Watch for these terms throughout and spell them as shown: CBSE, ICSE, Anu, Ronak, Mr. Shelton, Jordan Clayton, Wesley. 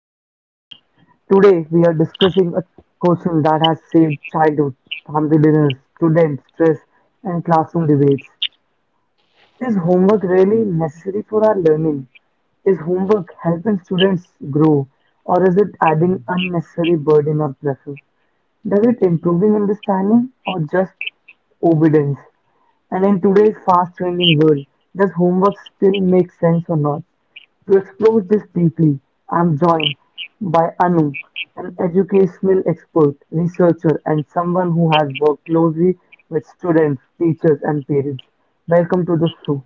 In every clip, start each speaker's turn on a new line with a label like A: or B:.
A: everyone. Today we are discussing a question that has saved childhood, family dinners, student stress, and classroom debates. Is homework really necessary for our learning? Is homework helping students grow, or is it adding unnecessary burden or pressure? Does it improving understanding or just obedience? And in today's fast-changing world, does homework still make sense or not? To explore this deeply, I'm joined by Anu, an educational expert, researcher, and someone who has worked closely with students, teachers, and parents. Welcome to the show.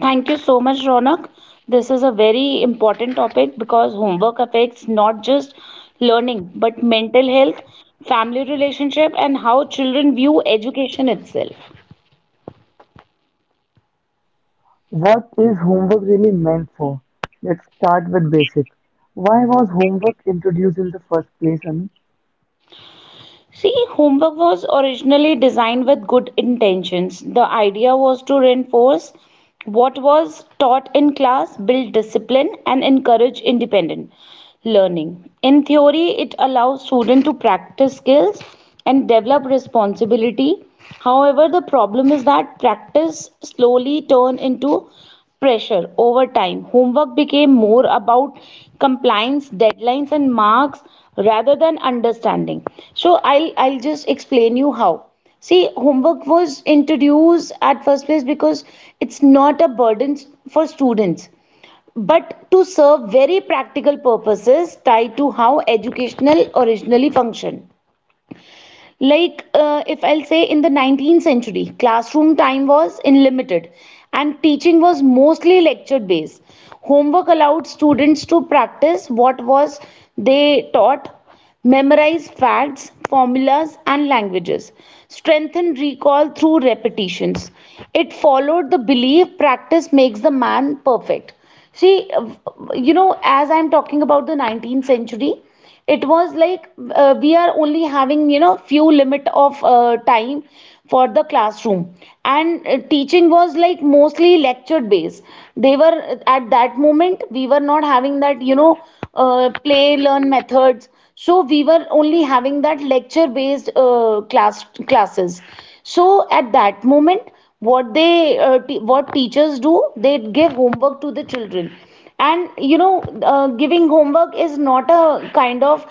B: Thank you so much, Ronak. This is a very important topic because homework affects not just learning but mental health, family relationship, and how children view education itself.
A: What is homework really meant for? Let's start with basics. Why was homework introduced in the first place, Anu?
B: See, homework was originally designed with good intentions. The idea was to reinforce what was taught in class, build discipline, and encourage independent learning. In theory, it allows students to practice skills and develop responsibility. However, the problem is that practice slowly turn into pressure over time. Homework became more about compliance, deadlines, and marks rather than understanding. So I'll just explain you how. See, homework was introduced at first place because it's not a burden for students, but to serve very practical purposes tied to how educational originally functioned like if I'll say, in the 19th century, classroom time was unlimited and teaching was mostly lecture based. Homework allowed students to practice what was they taught, memorize facts, formulas and languages, strengthen recall through repetitions. It followed the belief practice makes the man perfect. See, you know, as I'm talking about the 19th century, it was like, we are only having, you know, few limit of time for the classroom, and teaching was like mostly lecture based. They were, at that moment, we were not having that, you know, play learn methods. So we were only having that lecture based classes. So at that moment, what they what teachers do, they give homework to the children. And you know, giving homework is not a kind of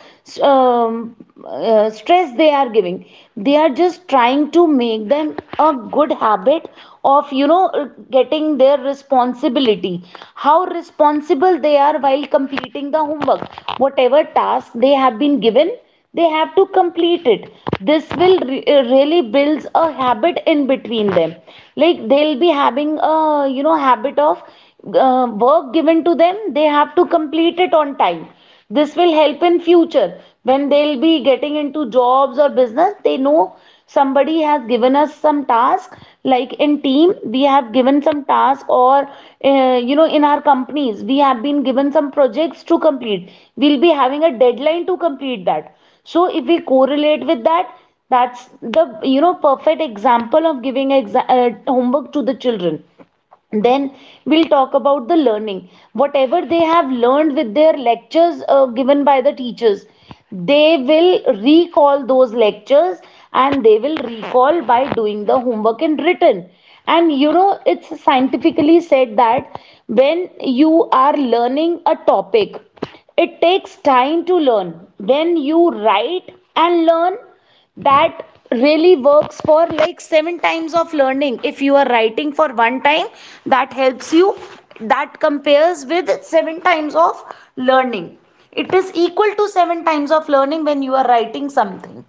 B: um, stress they are giving. They are just trying to make them a good habit of, you know, getting their responsibility. How responsible they are while completing the homework, whatever task they have been given, they have to complete it. This will really builds a habit in between them. Like, they'll be having a, you know, habit of work given to them. They have to complete it on time. This will help in future when they'll be getting into jobs or business. They know somebody has given us some task. Like, in team we have given some task, or you know, in our companies we have been given some projects to complete, we'll be having a deadline to complete that. So if we correlate with that, that's the, you know, perfect example of giving homework to the children. Then we'll talk about the learning, whatever they have learned with their lectures given by the teachers. They will recall those lectures, and they will recall by doing the homework in written. And you know, it's scientifically said that when you are learning a topic, it takes time to learn. When you write and learn, that really works for like seven times of learning. If you are writing for one time, that helps you, that compares with seven times of learning. It is equal to seven times of learning when you are writing something.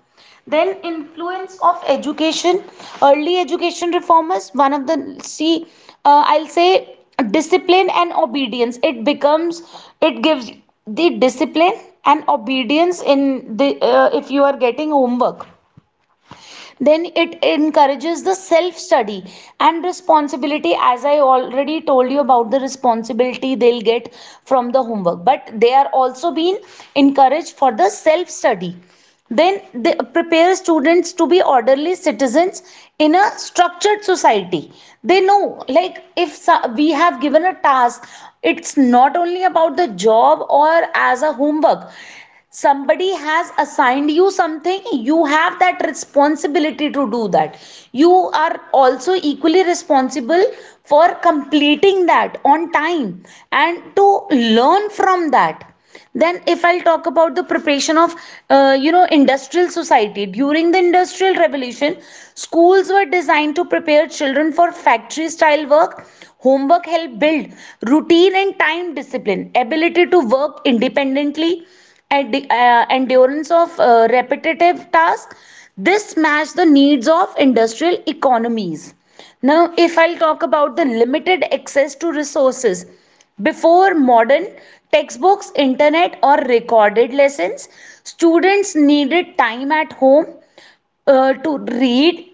B: Then influence of education, early education reformers, one of the, see, I'll say discipline and obedience. It becomes, it gives the discipline and obedience in the, if you are getting homework, then it encourages the self study and responsibility. As I already told you about the responsibility they'll get from the homework, but they are also being encouraged for the self study. Then they prepare students to be orderly citizens in a structured society. They know, like, if we have given a task, it's not only about the job or as a homework. Somebody has assigned you something, you have that responsibility to do that. You are also equally responsible for completing that on time and to learn from that. Then if I'll talk about the preparation of you know, industrial society, during the industrial revolution, schools were designed to prepare children for factory style work. Homework helped build routine and time discipline, ability to work independently, at the endurance of repetitive tasks. This matched the needs of industrial economies. Now, if I'll talk about the limited access to resources, before modern textbooks, internet, or recorded lessons, students needed time at home to read,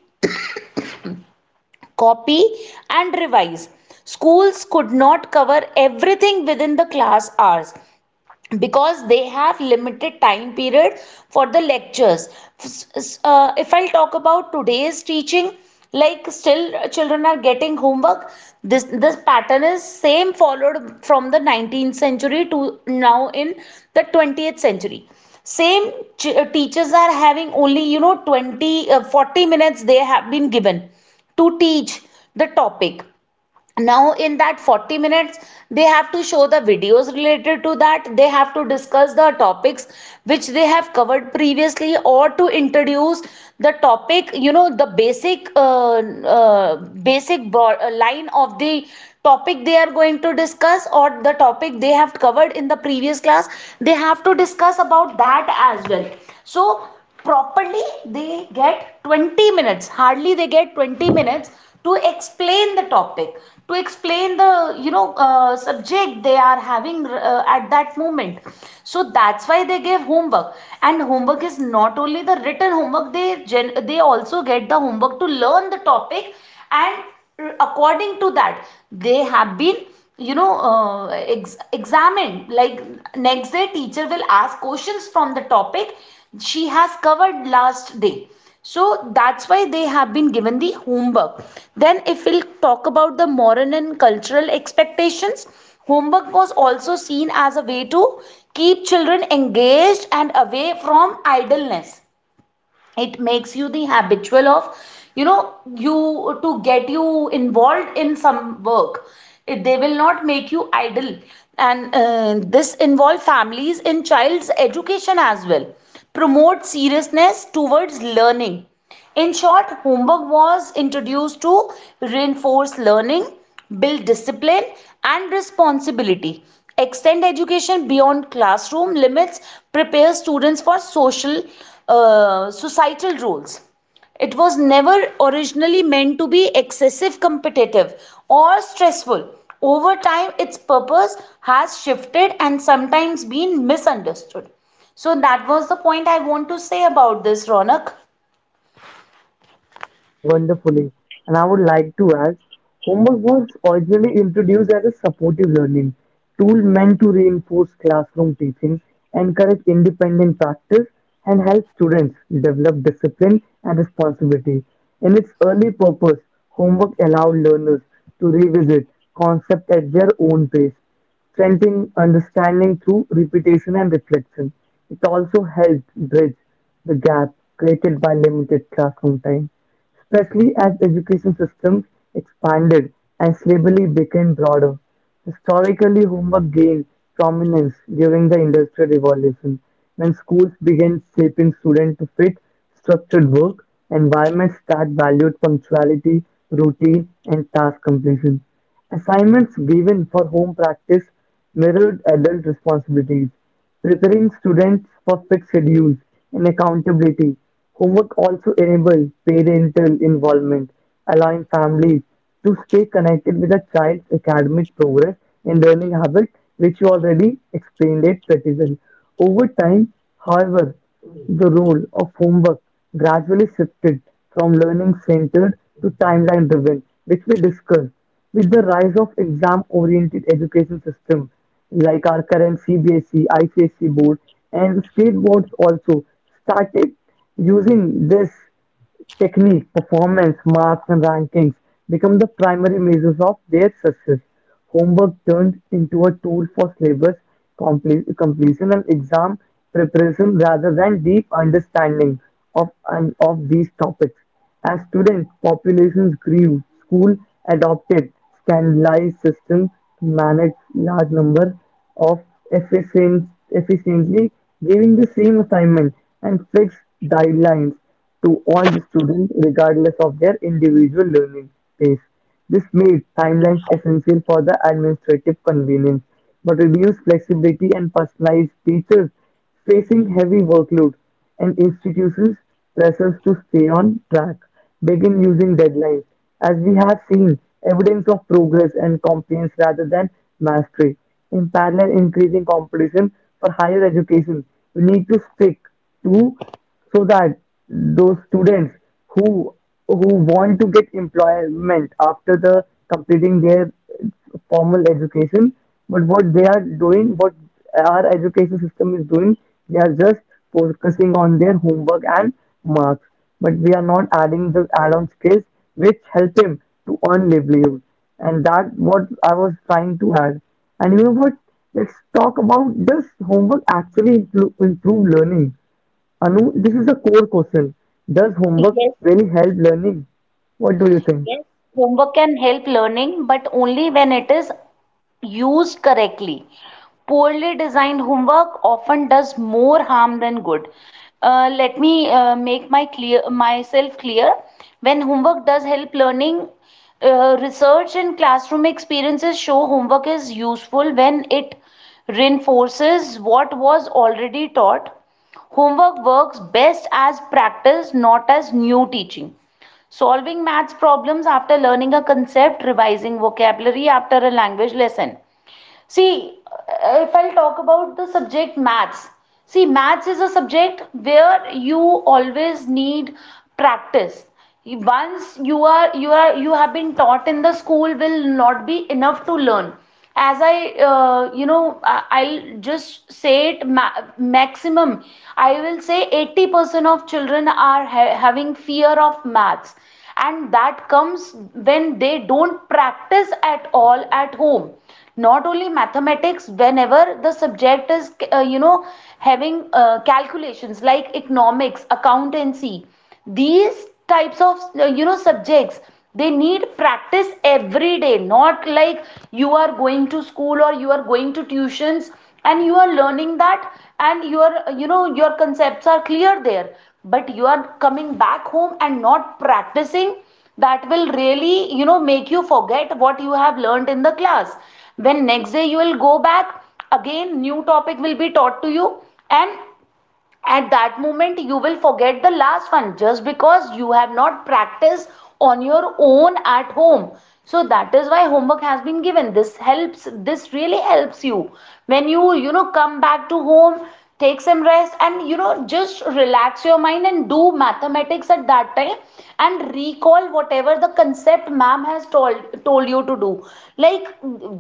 B: copy, and revise. Schools could not cover everything within the class hours because they have limited time period for the lectures. S- if I'll talk about today's teaching, like, still children are getting homework. This pattern is same followed from the 19th century to now. In the 20th century, same, teachers are having only, you know, 20, 40 minutes they have been given to teach the topic. Now in that 40 minutes, they have to show the videos related to that. They have to discuss the topics which they have covered previously, or to introduce the topic, you know, the basic uh, basic line of the topic they are going to discuss, or the topic they have covered in the previous class, they have to discuss about that as well. So properly they get 20 minutes, hardly they get 20 minutes to explain the topic, to explain the, you know, subject they are having at that moment. So that's why they gave homework. And homework is not only the written homework, they they also get the homework to learn the topic. And according to that, they have been, you know, examined. Like, next day teacher will ask questions from the topic she has covered last day. So that's why they have been given the homework. Then if we'll talk about the moral and cultural expectations, homework was also seen as a way to keep children engaged and away from idleness. It makes you the habitual of, you know, you to get you involved in some work. It, they will not make you idle. And this involve families in child's education as well, promote seriousness towards learning. In short, homework was introduced to reinforce learning, build discipline and responsibility, extend education beyond classroom limits, prepare students for social, societal roles. It was never originally meant to be excessive, competitive or stressful. Over time, its purpose has shifted and sometimes been misunderstood. So that was the point I want to say about this, Ronak.
A: You have defined this wonderfully, and I would like to add homework was originally introduced as a supportive learning tool meant to reinforce classroom teaching, encourage independent practice, and help students develop discipline and responsibility. In its early purpose, homework allowed learners to revisit concepts at their own pace, strengthening understanding through repetition and reflection. It also helped bridge the gap created by limited classroom time, especially as education systems expanded and syllabi became broader. Historically, homework gained prominence during the Industrial Revolution, when schools began shaping students to fit structured work environments that valued punctuality, routine, and task completion. Assignments given for home practice mirrored adult responsibilities, preparing students for fixed schedules and accountability. Homework also enabled parental involvement, allowing families to stay connected with a child's academic progress and learning habits, which you already explained it pretty well. Over time, however, the role of homework gradually shifted from learning centered to timeline driven, which we discussed. With the rise of exam-oriented education systems like our current CBSE, ICSE board, and state boards also started using this technique, performance, marks, and rankings become the primary measures of their success. Homework turned into a tool for syllabus completion and exam preparation rather than deep understanding of, and of these topics. As student populations grew, school adopted standardized systems to manage large number of efficiently giving the same assignment and fixed guidelines to all the students regardless of their individual learning pace. This made timelines essential for the administrative convenience, but reduced flexibility and personalized teachers facing heavy workload and institutions pressures to stay on track begin using deadlines, as we have seen evidence of progress and compliance rather than mastery. In parallel, increasing competition for higher education, we need to stick to, so that those students who who want to get employment after the completing their formal education, but what they are doing, what our education system is doing, they are just focusing on their homework and marks, but we are not adding the add-on skills which help him to earn livelihood. And that what I was trying to add. And you know what? Let's talk about, does homework actually improve learning? Anu, this is a core question. Does homework
B: Yes.
A: really help learning? What do you think?
B: Yes, homework can help learning, but only when it is used correctly. Poorly designed homework often does more harm than good. Let me make my clear myself clear. When homework does help learning, research and classroom experiences show homework is useful when it reinforces what was already taught. Homework works best as practice, not as new teaching, solving maths problems after learning a concept, revising vocabulary after a language lesson. See, if I'll talk about the subject maths, see, maths is a subject where you always need practice. Once you have been taught in the school will not be enough to learn. As I, you know, I'll just say it maximum. I will say 80% of children are having fear of maths, and that comes when they don't practice at all at home. Not only mathematics, whenever the subject is, you know, having calculations, like economics, accountancy, these types of, you know, subjects, they need practice every day. Not like you are going to school, or you are going to tuitions and you are learning that, and your, you know, your concepts are clear there, but you are coming back home and not practicing. That will really, you know, make you forget what you have learned in the class. When next day you will go back, again new topic will be taught to you, and at that moment you will forget the last one, just because you have not practiced on your own at home. So that is why homework has been given. This helps, this really helps you when you know, come back to home, take some rest, and you know, just relax your mind and do mathematics at that time, and recall whatever the concept ma'am has told you to do. Like,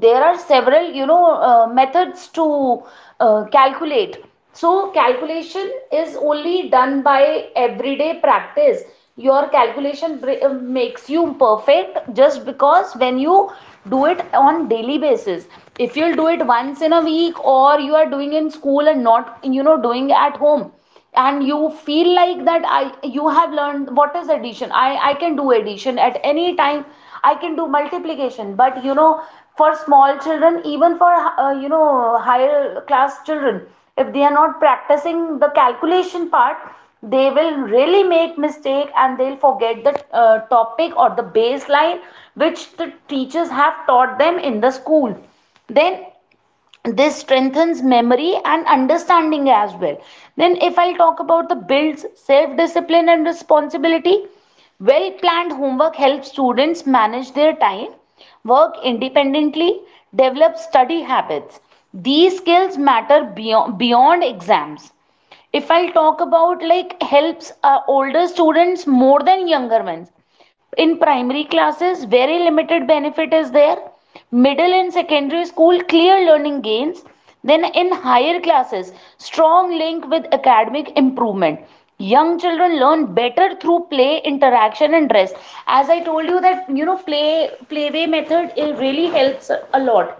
B: there are several, you know, methods to calculate. So calculation is only done by everyday practice. Your calculation makes you perfect just because when you do it on daily basis. If you'll do it once in a week, or you are doing in school and not doing at home, and you feel like that I you have learned what is addition. I can do addition at any time, I can do multiplication, but for small children, even for higher class children, if they are not practicing the calculation part, they will really make mistake, and they'll forget the topic or the baseline which the teachers have taught them in the school. Then this strengthens memory and understanding as well. Then if I'll talk about the builds self discipline and responsibility, well planned homework helps students manage their time, work independently, develop study habits. These skills matter beyond exams. If I'll talk about, like, helps older students more than younger ones. In primary classes, very limited benefit is there. Middle and secondary school, clear learning gains. Then in higher classes, strong link with academic improvement. Young children learn better through play, interaction and rest. As I told you, that play way method, it really helps a lot.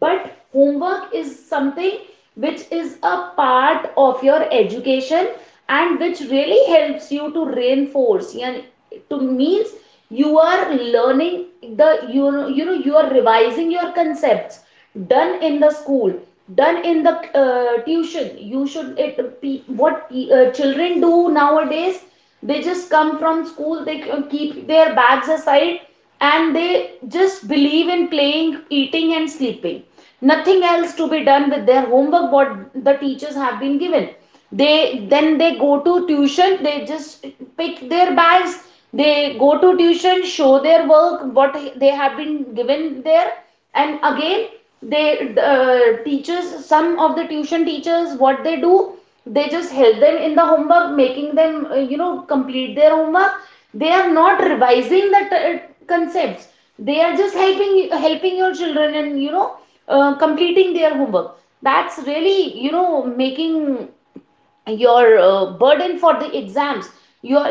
B: But homework is something which is a part of your education, and which really helps you to reinforce and to means you are learning the you are revising your concepts done in the school, done in the tuition, you should it. What children do nowadays, they just come from school, they keep their bags aside, and they just believe in playing, eating, and sleeping. Nothing else to be done with their homework, what the teachers have been given. They go to tuition, they just pick their bags, they go to tuition, show their work what they have been given there, and again they teachers, some of the tuition teachers, what they do, they just help them in the homework, making them complete their homework. They are not revising the concepts, they are just helping your children, and completing their homework. That's really you know making your burden for the exams your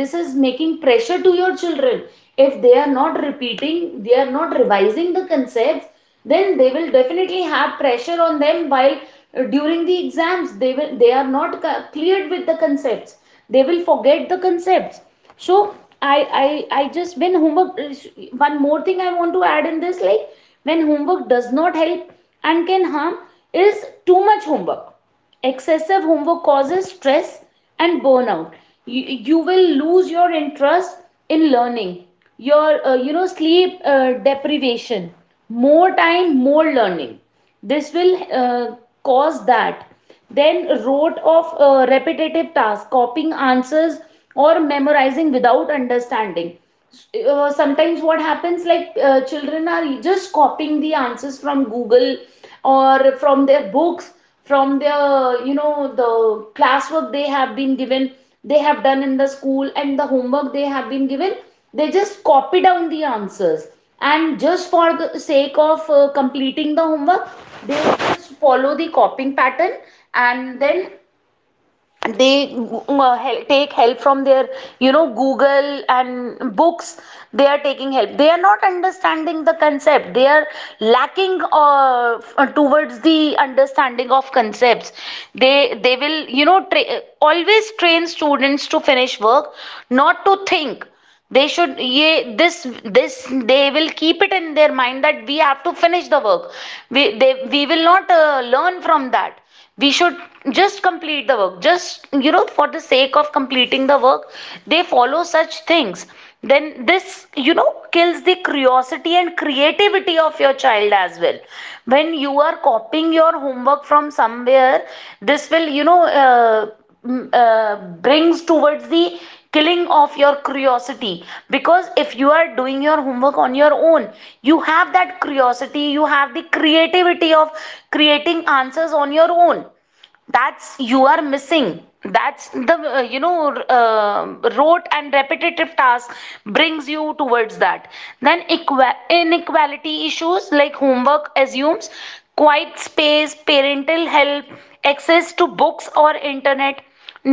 B: This is making pressure to your children. If they are not repeating, they are not revising the concepts, then they will definitely have pressure on them, while during the exams, they are not cleared with the concepts, they will forget the concepts. So I I I just when homework one more thing I want to add in this, like, when homework does not help and can harm is too much homework. Excessive homework causes stress and burnout. You will lose your interest in learning, your sleep deprivation. More time, more learning, this will cause that. Then rote of repetitive tasks, copying answers or memorizing without understanding. Sometimes what happens, like, children are just copying the answers from google, or from their books, from their the classwork they have been given, they have done in the school, and the homework they have been given, they just copy down the answers. And just for the sake of completing the homework, they just follow the copying pattern. And then they take help from their google and books. They are taking help, they are not understanding the concept, they are lacking uh, towards the understanding of concepts. They will always train students to finish work, not to think. They should ye this this, they will keep it in their mind that we have to finish the work. We will not learn from that. We should just complete the work, just for the sake of completing the work, they follow such things. Then this kills the curiosity and creativity of your child as well. When you are copying your homework from somewhere, this will mm, uh, brings towards the killing of your curiosity. Because if you are doing your homework on your own, you have that curiosity, you have the creativity of creating answers on your own, that's you are missing. That's the rote and repetitive task brings you towards that. Then inequality issues, like homework assumes quiet space, parental help, access to books or internet.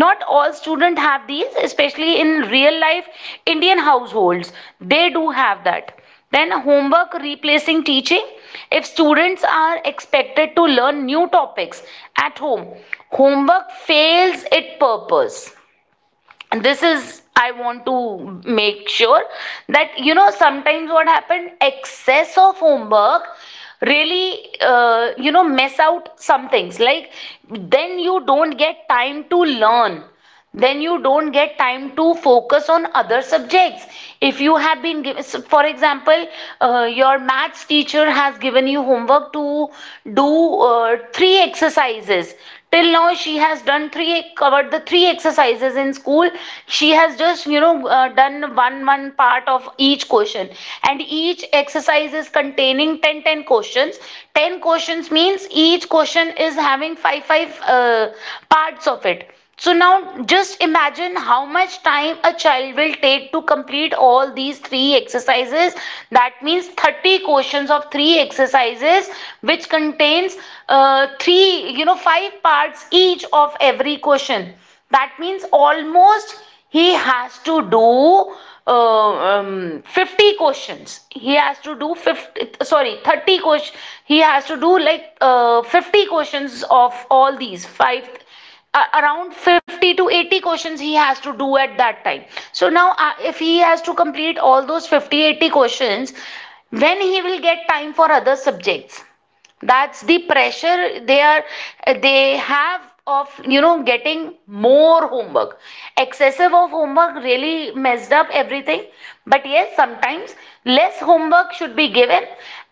B: Not all students have these, especially in real life Indian households, they do have that. Then homework replacing teaching, if students are expected to learn new topics at home, homework fails its purpose. This is, I want to make sure that sometimes what happened, excess of homework really mess out some things, like, then you don't get time to learn, then you don't get time to focus on other subjects. If you have been given, for example, your maths teacher has given you homework to do three exercises. Till now she has done three covered the three exercises in school. She has just done one one part of each question, and each exercise is containing 10 10 questions. 10 questions means each question is having five five parts of it. So now just imagine how much time a child will take to complete all these three exercises. That means 30 questions of three exercises, which contains three, five parts each of every question. That means almost he has to do 50 questions. He has to do 50, sorry, 30 questions. He has to do like 50 questions of all these five, around 50 to 80 questions he has to do at that time. So now, if he has to complete all those 50 80 questions, when he will get time for other subjects? That's the pressure they have of, getting more homework. Excessive of homework really messed up everything. But yes, sometimes less homework should be given,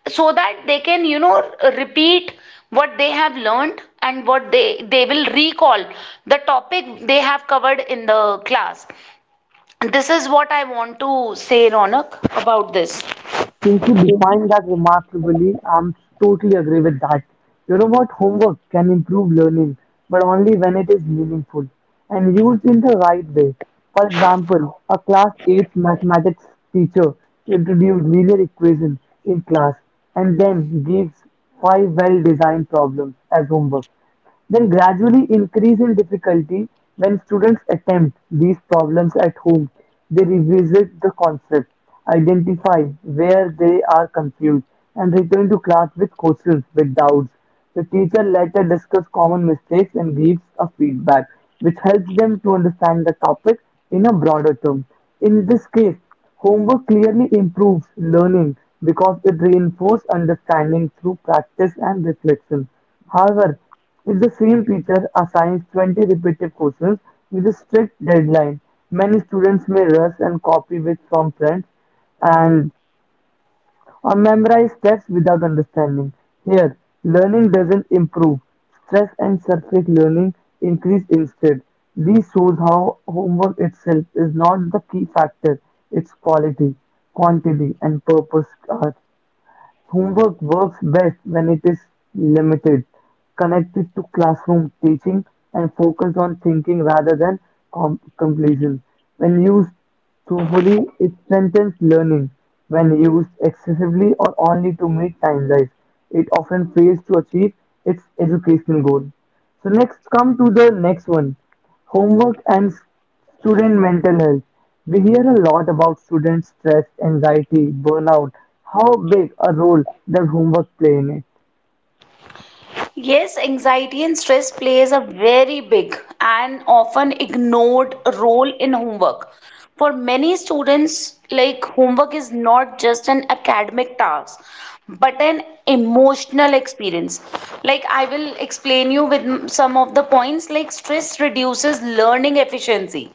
B: so that they can repeat what they have learned, and what they will recall the topic they have covered in the class. This is what I want to say, Ronak, about this.
A: Since you defined that remarkably, I'm totally agree with that. You know what? Homework can improve learning, but only when it is meaningful and used in the right way. For example, a class 8 mathematics teacher introduced linear equations in class and then gives five well-designed problems as homework, then gradually increase in difficulty. When students attempt these problems at home, they revisit the concept, identify where they are confused, and return to class with questions, with doubts. The teacher later discusses common mistakes and gives a feedback, which helps them to understand the topic in a broader term. In this case, homework clearly improves learning because it reinforces understanding through practice and reflection. However, if the same teacher assigns 20 repetitive questions with a strict deadline, many students may rush and copy bits from friends and or memorize text without understanding. Here, learning doesn't improve. Stress and surface learning increase instead. This shows how homework itself is not the key factor, its quality, quantity, and purpose are. Homework works best when it is limited, connected to classroom teaching, and focused on thinking rather than completion. When used truthfully, it strengthens learning. When used excessively or only to meet timelines, it often fails to achieve its educational goal. So next, come to the next one, homework and student mental health. We hear a lot about student stress, anxiety, burnout, how big a role their homework play in it.
B: Yes, anxiety and stress plays a very big and often ignored role in homework. For many students, like, homework is not just an academic task, but an emotional experience. Like, I will explain you with some of the points, like, stress reduces learning efficiency.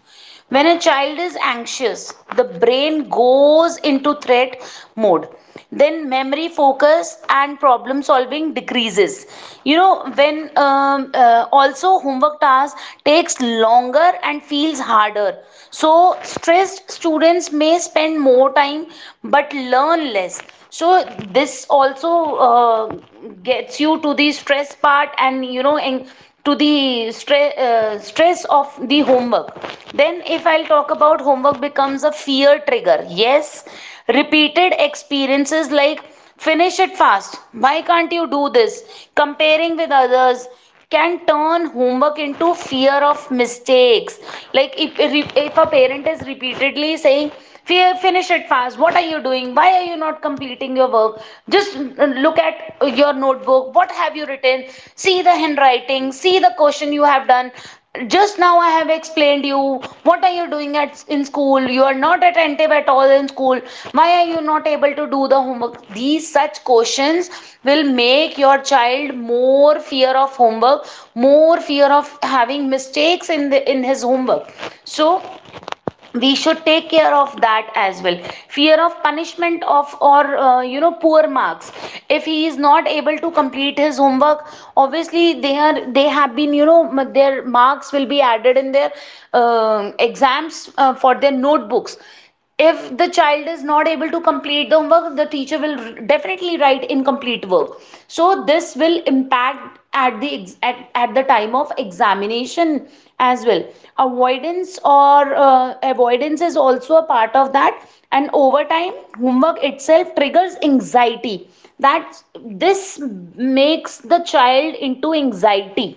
B: When a child is anxious, the brain goes into threat mode. Then memory, focus and problem solving decreases. You know, when also homework task takes longer and feels harder. So stressed students may spend more time but learn less. So this also gets you to the stress part, and and to the stress of the homework. Then if I'll talk about homework becomes a fear trigger, yes, repeated experiences like finish it fast, why can't you do this, comparing with others, can turn homework into fear of mistakes. Like, if a parent is repeatedly saying, finish it fast. What are you doing? Why are you not completing your work? Just look at your notebook. What have you written? See the handwriting. See the question you have done. Just now I have explained you. What are you doing at in school? You are not attentive at all in school. Why are you not able to do the homework? These such questions will make your child more fear of homework, more fear of having mistakes in the in his homework. So we should take care of that as well. Fear of punishment of, or poor marks. If he is not able to complete his homework, obviously they have been, their marks will be added in their exams, for their notebooks. If the child is not able to complete the homework, the teacher will definitely write incomplete work. So this will impact at the at the time of examination as well. Avoidance, or avoidance is also a part of that. And over time, homework itself triggers anxiety, that this makes the child into anxiety.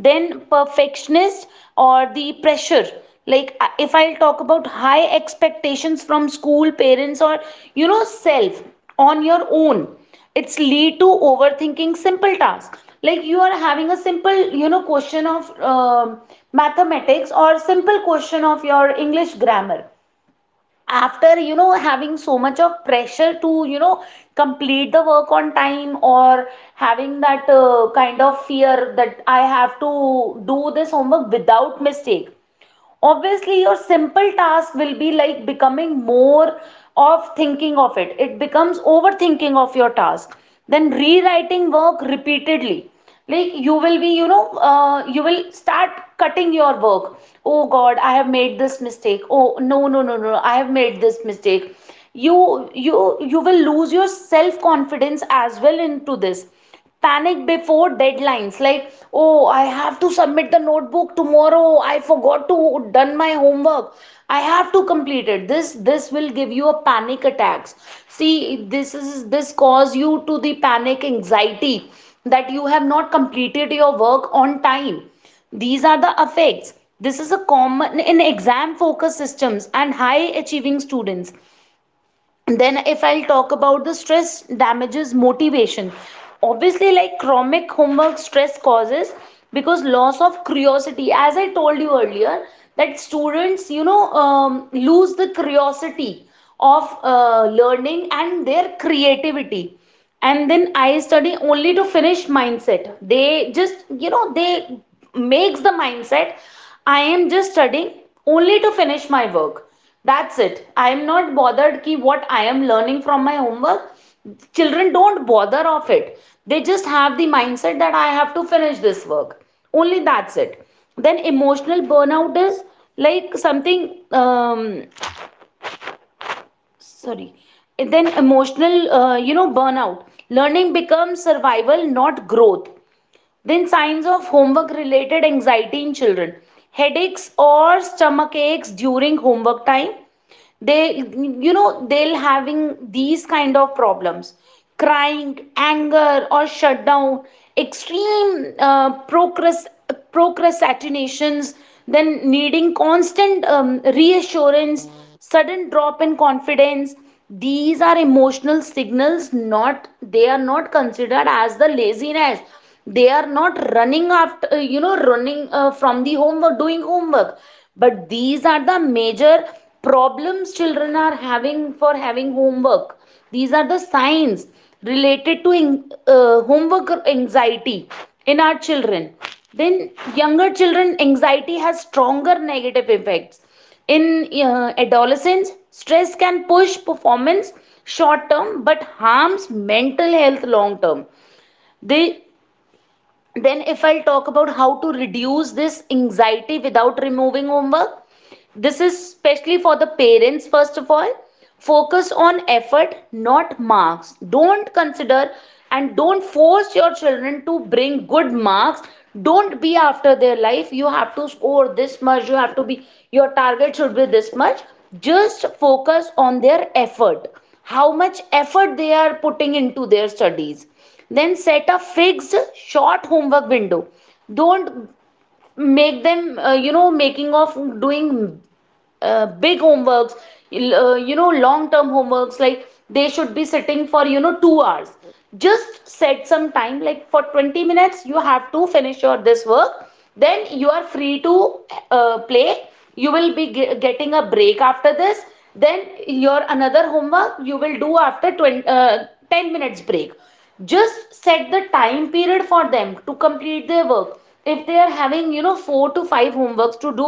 B: Then perfectionist or the pressure, like, if I'll talk about high expectations from school, parents, or self on your own, it's lead to overthinking simple tasks. Like, you are having a simple, question of mathematics, or simple question of your English grammar. After having so much of pressure to complete the work on time, or having that kind of fear that I have to do this homework without mistake. Obviously, your simple task will be like becoming more of thinking of it, becomes overthinking of your task. Then rewriting work repeatedly, like, you will be you will start cutting your work. Oh god, I have made this mistake. Oh, no, no, no, no, I have made this mistake. You you you will lose your self confidence as well into this. Panic before deadlines, like, oh, I have to submit the notebook tomorrow, I forgot to done my homework, I have to complete it. This will give you a panic attacks. See, this cause you to the panic anxiety, that you have not completed your work on time. These are the effects. This is a common in exam focus systems and high achieving students. Then if I'll talk about the stress damages motivation, obviously, like, chronic homework stress causes, because, loss of curiosity. As I told you earlier, that students Lose the curiosity of learning and their creativity. And then I study only to finish mindset they just you know they makes the mindset, I am just studying only to finish my work. That's it. I am not bothered ki what I am learning from my homework. Children don't bother of it. They just have the mindset that I have to finish this work. Only that's it. Then emotional burnout is like something sorry. Then emotional you know burnout. Learning becomes survival, not growth. Then signs of homework related anxiety in children. Headaches or stomach aches during homework time, they'll having these kind of problems, crying, anger or shutdown, extreme procrastinations, then needing constant reassurance, sudden drop in confidence. These are emotional signals, not they are not considered as the laziness. They are not running after uh, running from the homework doing homework. But these are the major problems children are having for having homework. These are the signs related to homework anxiety in our children. Then younger children anxiety has stronger negative effects. In adolescence, stress can push performance short term but harms mental health long term. They then if I'll talk about how to reduce this anxiety without removing homework, this is especially for the parents, first of all. Focus on effort, not marks. Don't consider and don't force your children to bring good marks. Don't be after their life. You have to score this much. You have to be, your target should be this much. Just focus on their effort, how much effort they are putting into their studies. Then set a fixed short homework window. Don't make them, you know, making of doing big homeworks, you know, long-term homeworks, like they should be sitting for, you know, 2 hours. Just set some time, like for 20 minutes, you have to finish your this work. Then you are free to play. You will be getting a break after this. Then your another homework you will do after 20, 10 minutes break. Just set the time period for them to complete their work. If they are having, you know, four to five homeworks to do,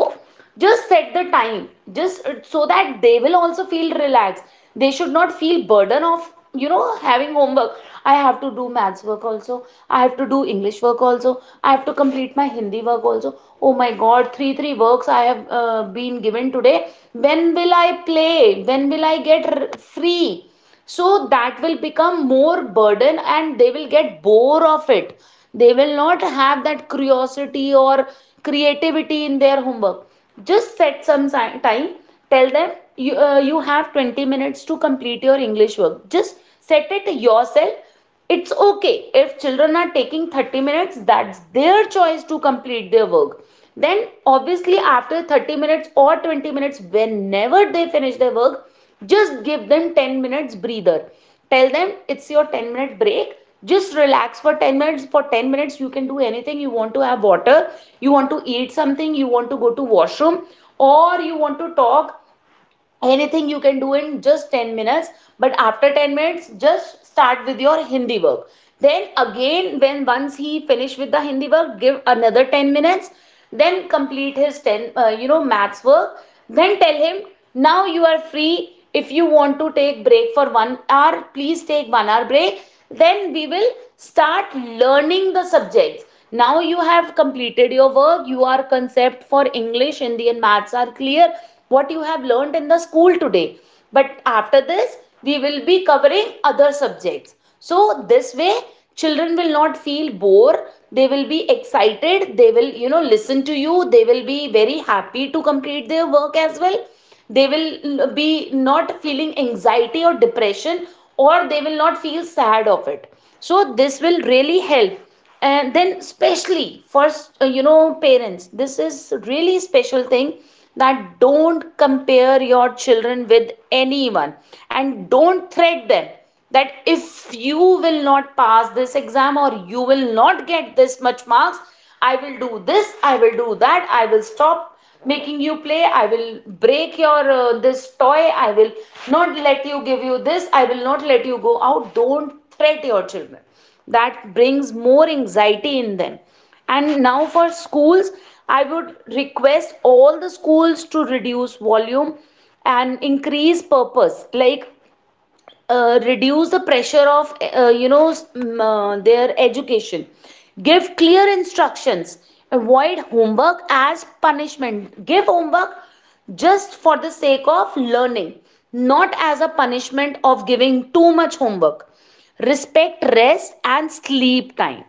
B: just set the time, just so that they will also feel relaxed. They should not feel burden of, you know, having homework. I have to do maths work also, I have to do english work also, I have to complete my hindi work also. Oh my god, three three works I have been given today. When will I play, when will I get free? So that will become more burden and they will get bored of it. They will not have that curiosity or creativity in their homework. Just set some time. Tell them you have 20 minutes to complete your english work. Just set it yourself. It's okay if children are taking 30 minutes, that's their choice to complete their work. Then, obviously, after 30 minutes or 20 minutes, whenever they finish their work, just give them 10 minutes breather. Tell them it's your 10-minute break. Just relax for 10 minutes. For 10 minutes, you can do anything. You want to have water, you want to eat something, you want to go to washroom, or you want to talk, anything you can do in just 10 minutes. But after 10 minutes, just start with your hindi work. Then again, when once he finish with the hindi work, give another 10 minutes, then complete his 10 you know maths work. Then tell him now you are free. If you want to take break for 1 hour, please take 1 hour break. Then we will start learning the subjects. Now you have completed your work, your concept for english, hindi and maths are clear, what you have learned in the school today. But after this we will be covering other subjects. So this way children will not feel bored. They will be excited, they will, you know, listen to you, they will be very happy to complete their work as well. They will be not feeling anxiety or depression, or they will not feel sad of it. So this will really help. And then especially for you know parents, this is really special thing, that don't compare your children with anyone, and don't threat them that if you will not pass this exam or you will not get this much marks, I will do this, I will do that, I will stop making you play, I will break your this toy, I will not let you give you this, I will not let you go out. Don't threat your children, that brings more anxiety in them. And now for schools, I would request all the schools to reduce volume and increase purpose. Like reduce the pressure of their education. Give clear instructions, avoid homework as punishment, give homework just for the sake of learning, not as a punishment of giving too much homework. Respect rest and sleep time.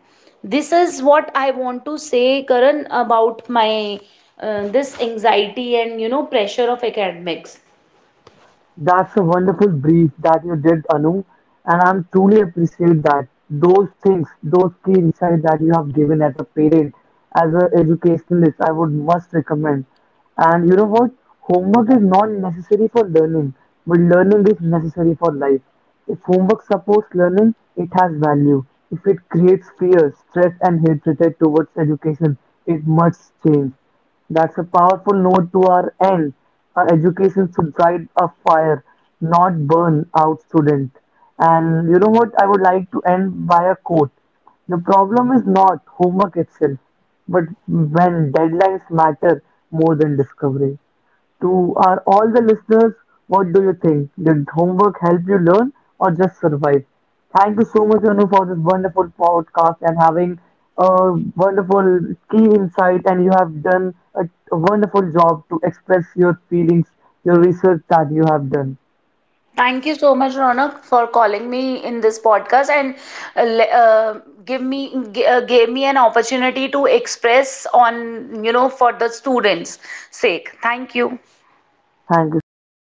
B: This is what I want to say, Karan, about my this anxiety and, you know, pressure of academics.
A: That's a wonderful brief that you did, Anu, and I'm truly appreciate that. Those things, those key insights that you have given as a parent, as an educationalist, I would must recommend. And you know what? Homework is not necessary for learning, but learning is necessary for life. If homework supports learning, it has value. If it creates fear, stress, and hatred towards education, it must change. That's a powerful note to our end. Our education should light a fire, not burn out student. And you know what? I would like to end by a quote. The problem is not homework itself, but when deadlines matter more than discovery. To our all the listeners, what do you think? Did homework help you learn or just survive? Thank you so much, Anu, for this wonderful podcast and having a wonderful key insight. And you have done a wonderful job to express your feelings, your research that you have done.
B: Thank you so much, Ronak, for calling me in this podcast and uh, le- uh, give me gave me an opportunity to express on, you know, for the students' sake. Thank you.
A: Thank you so much.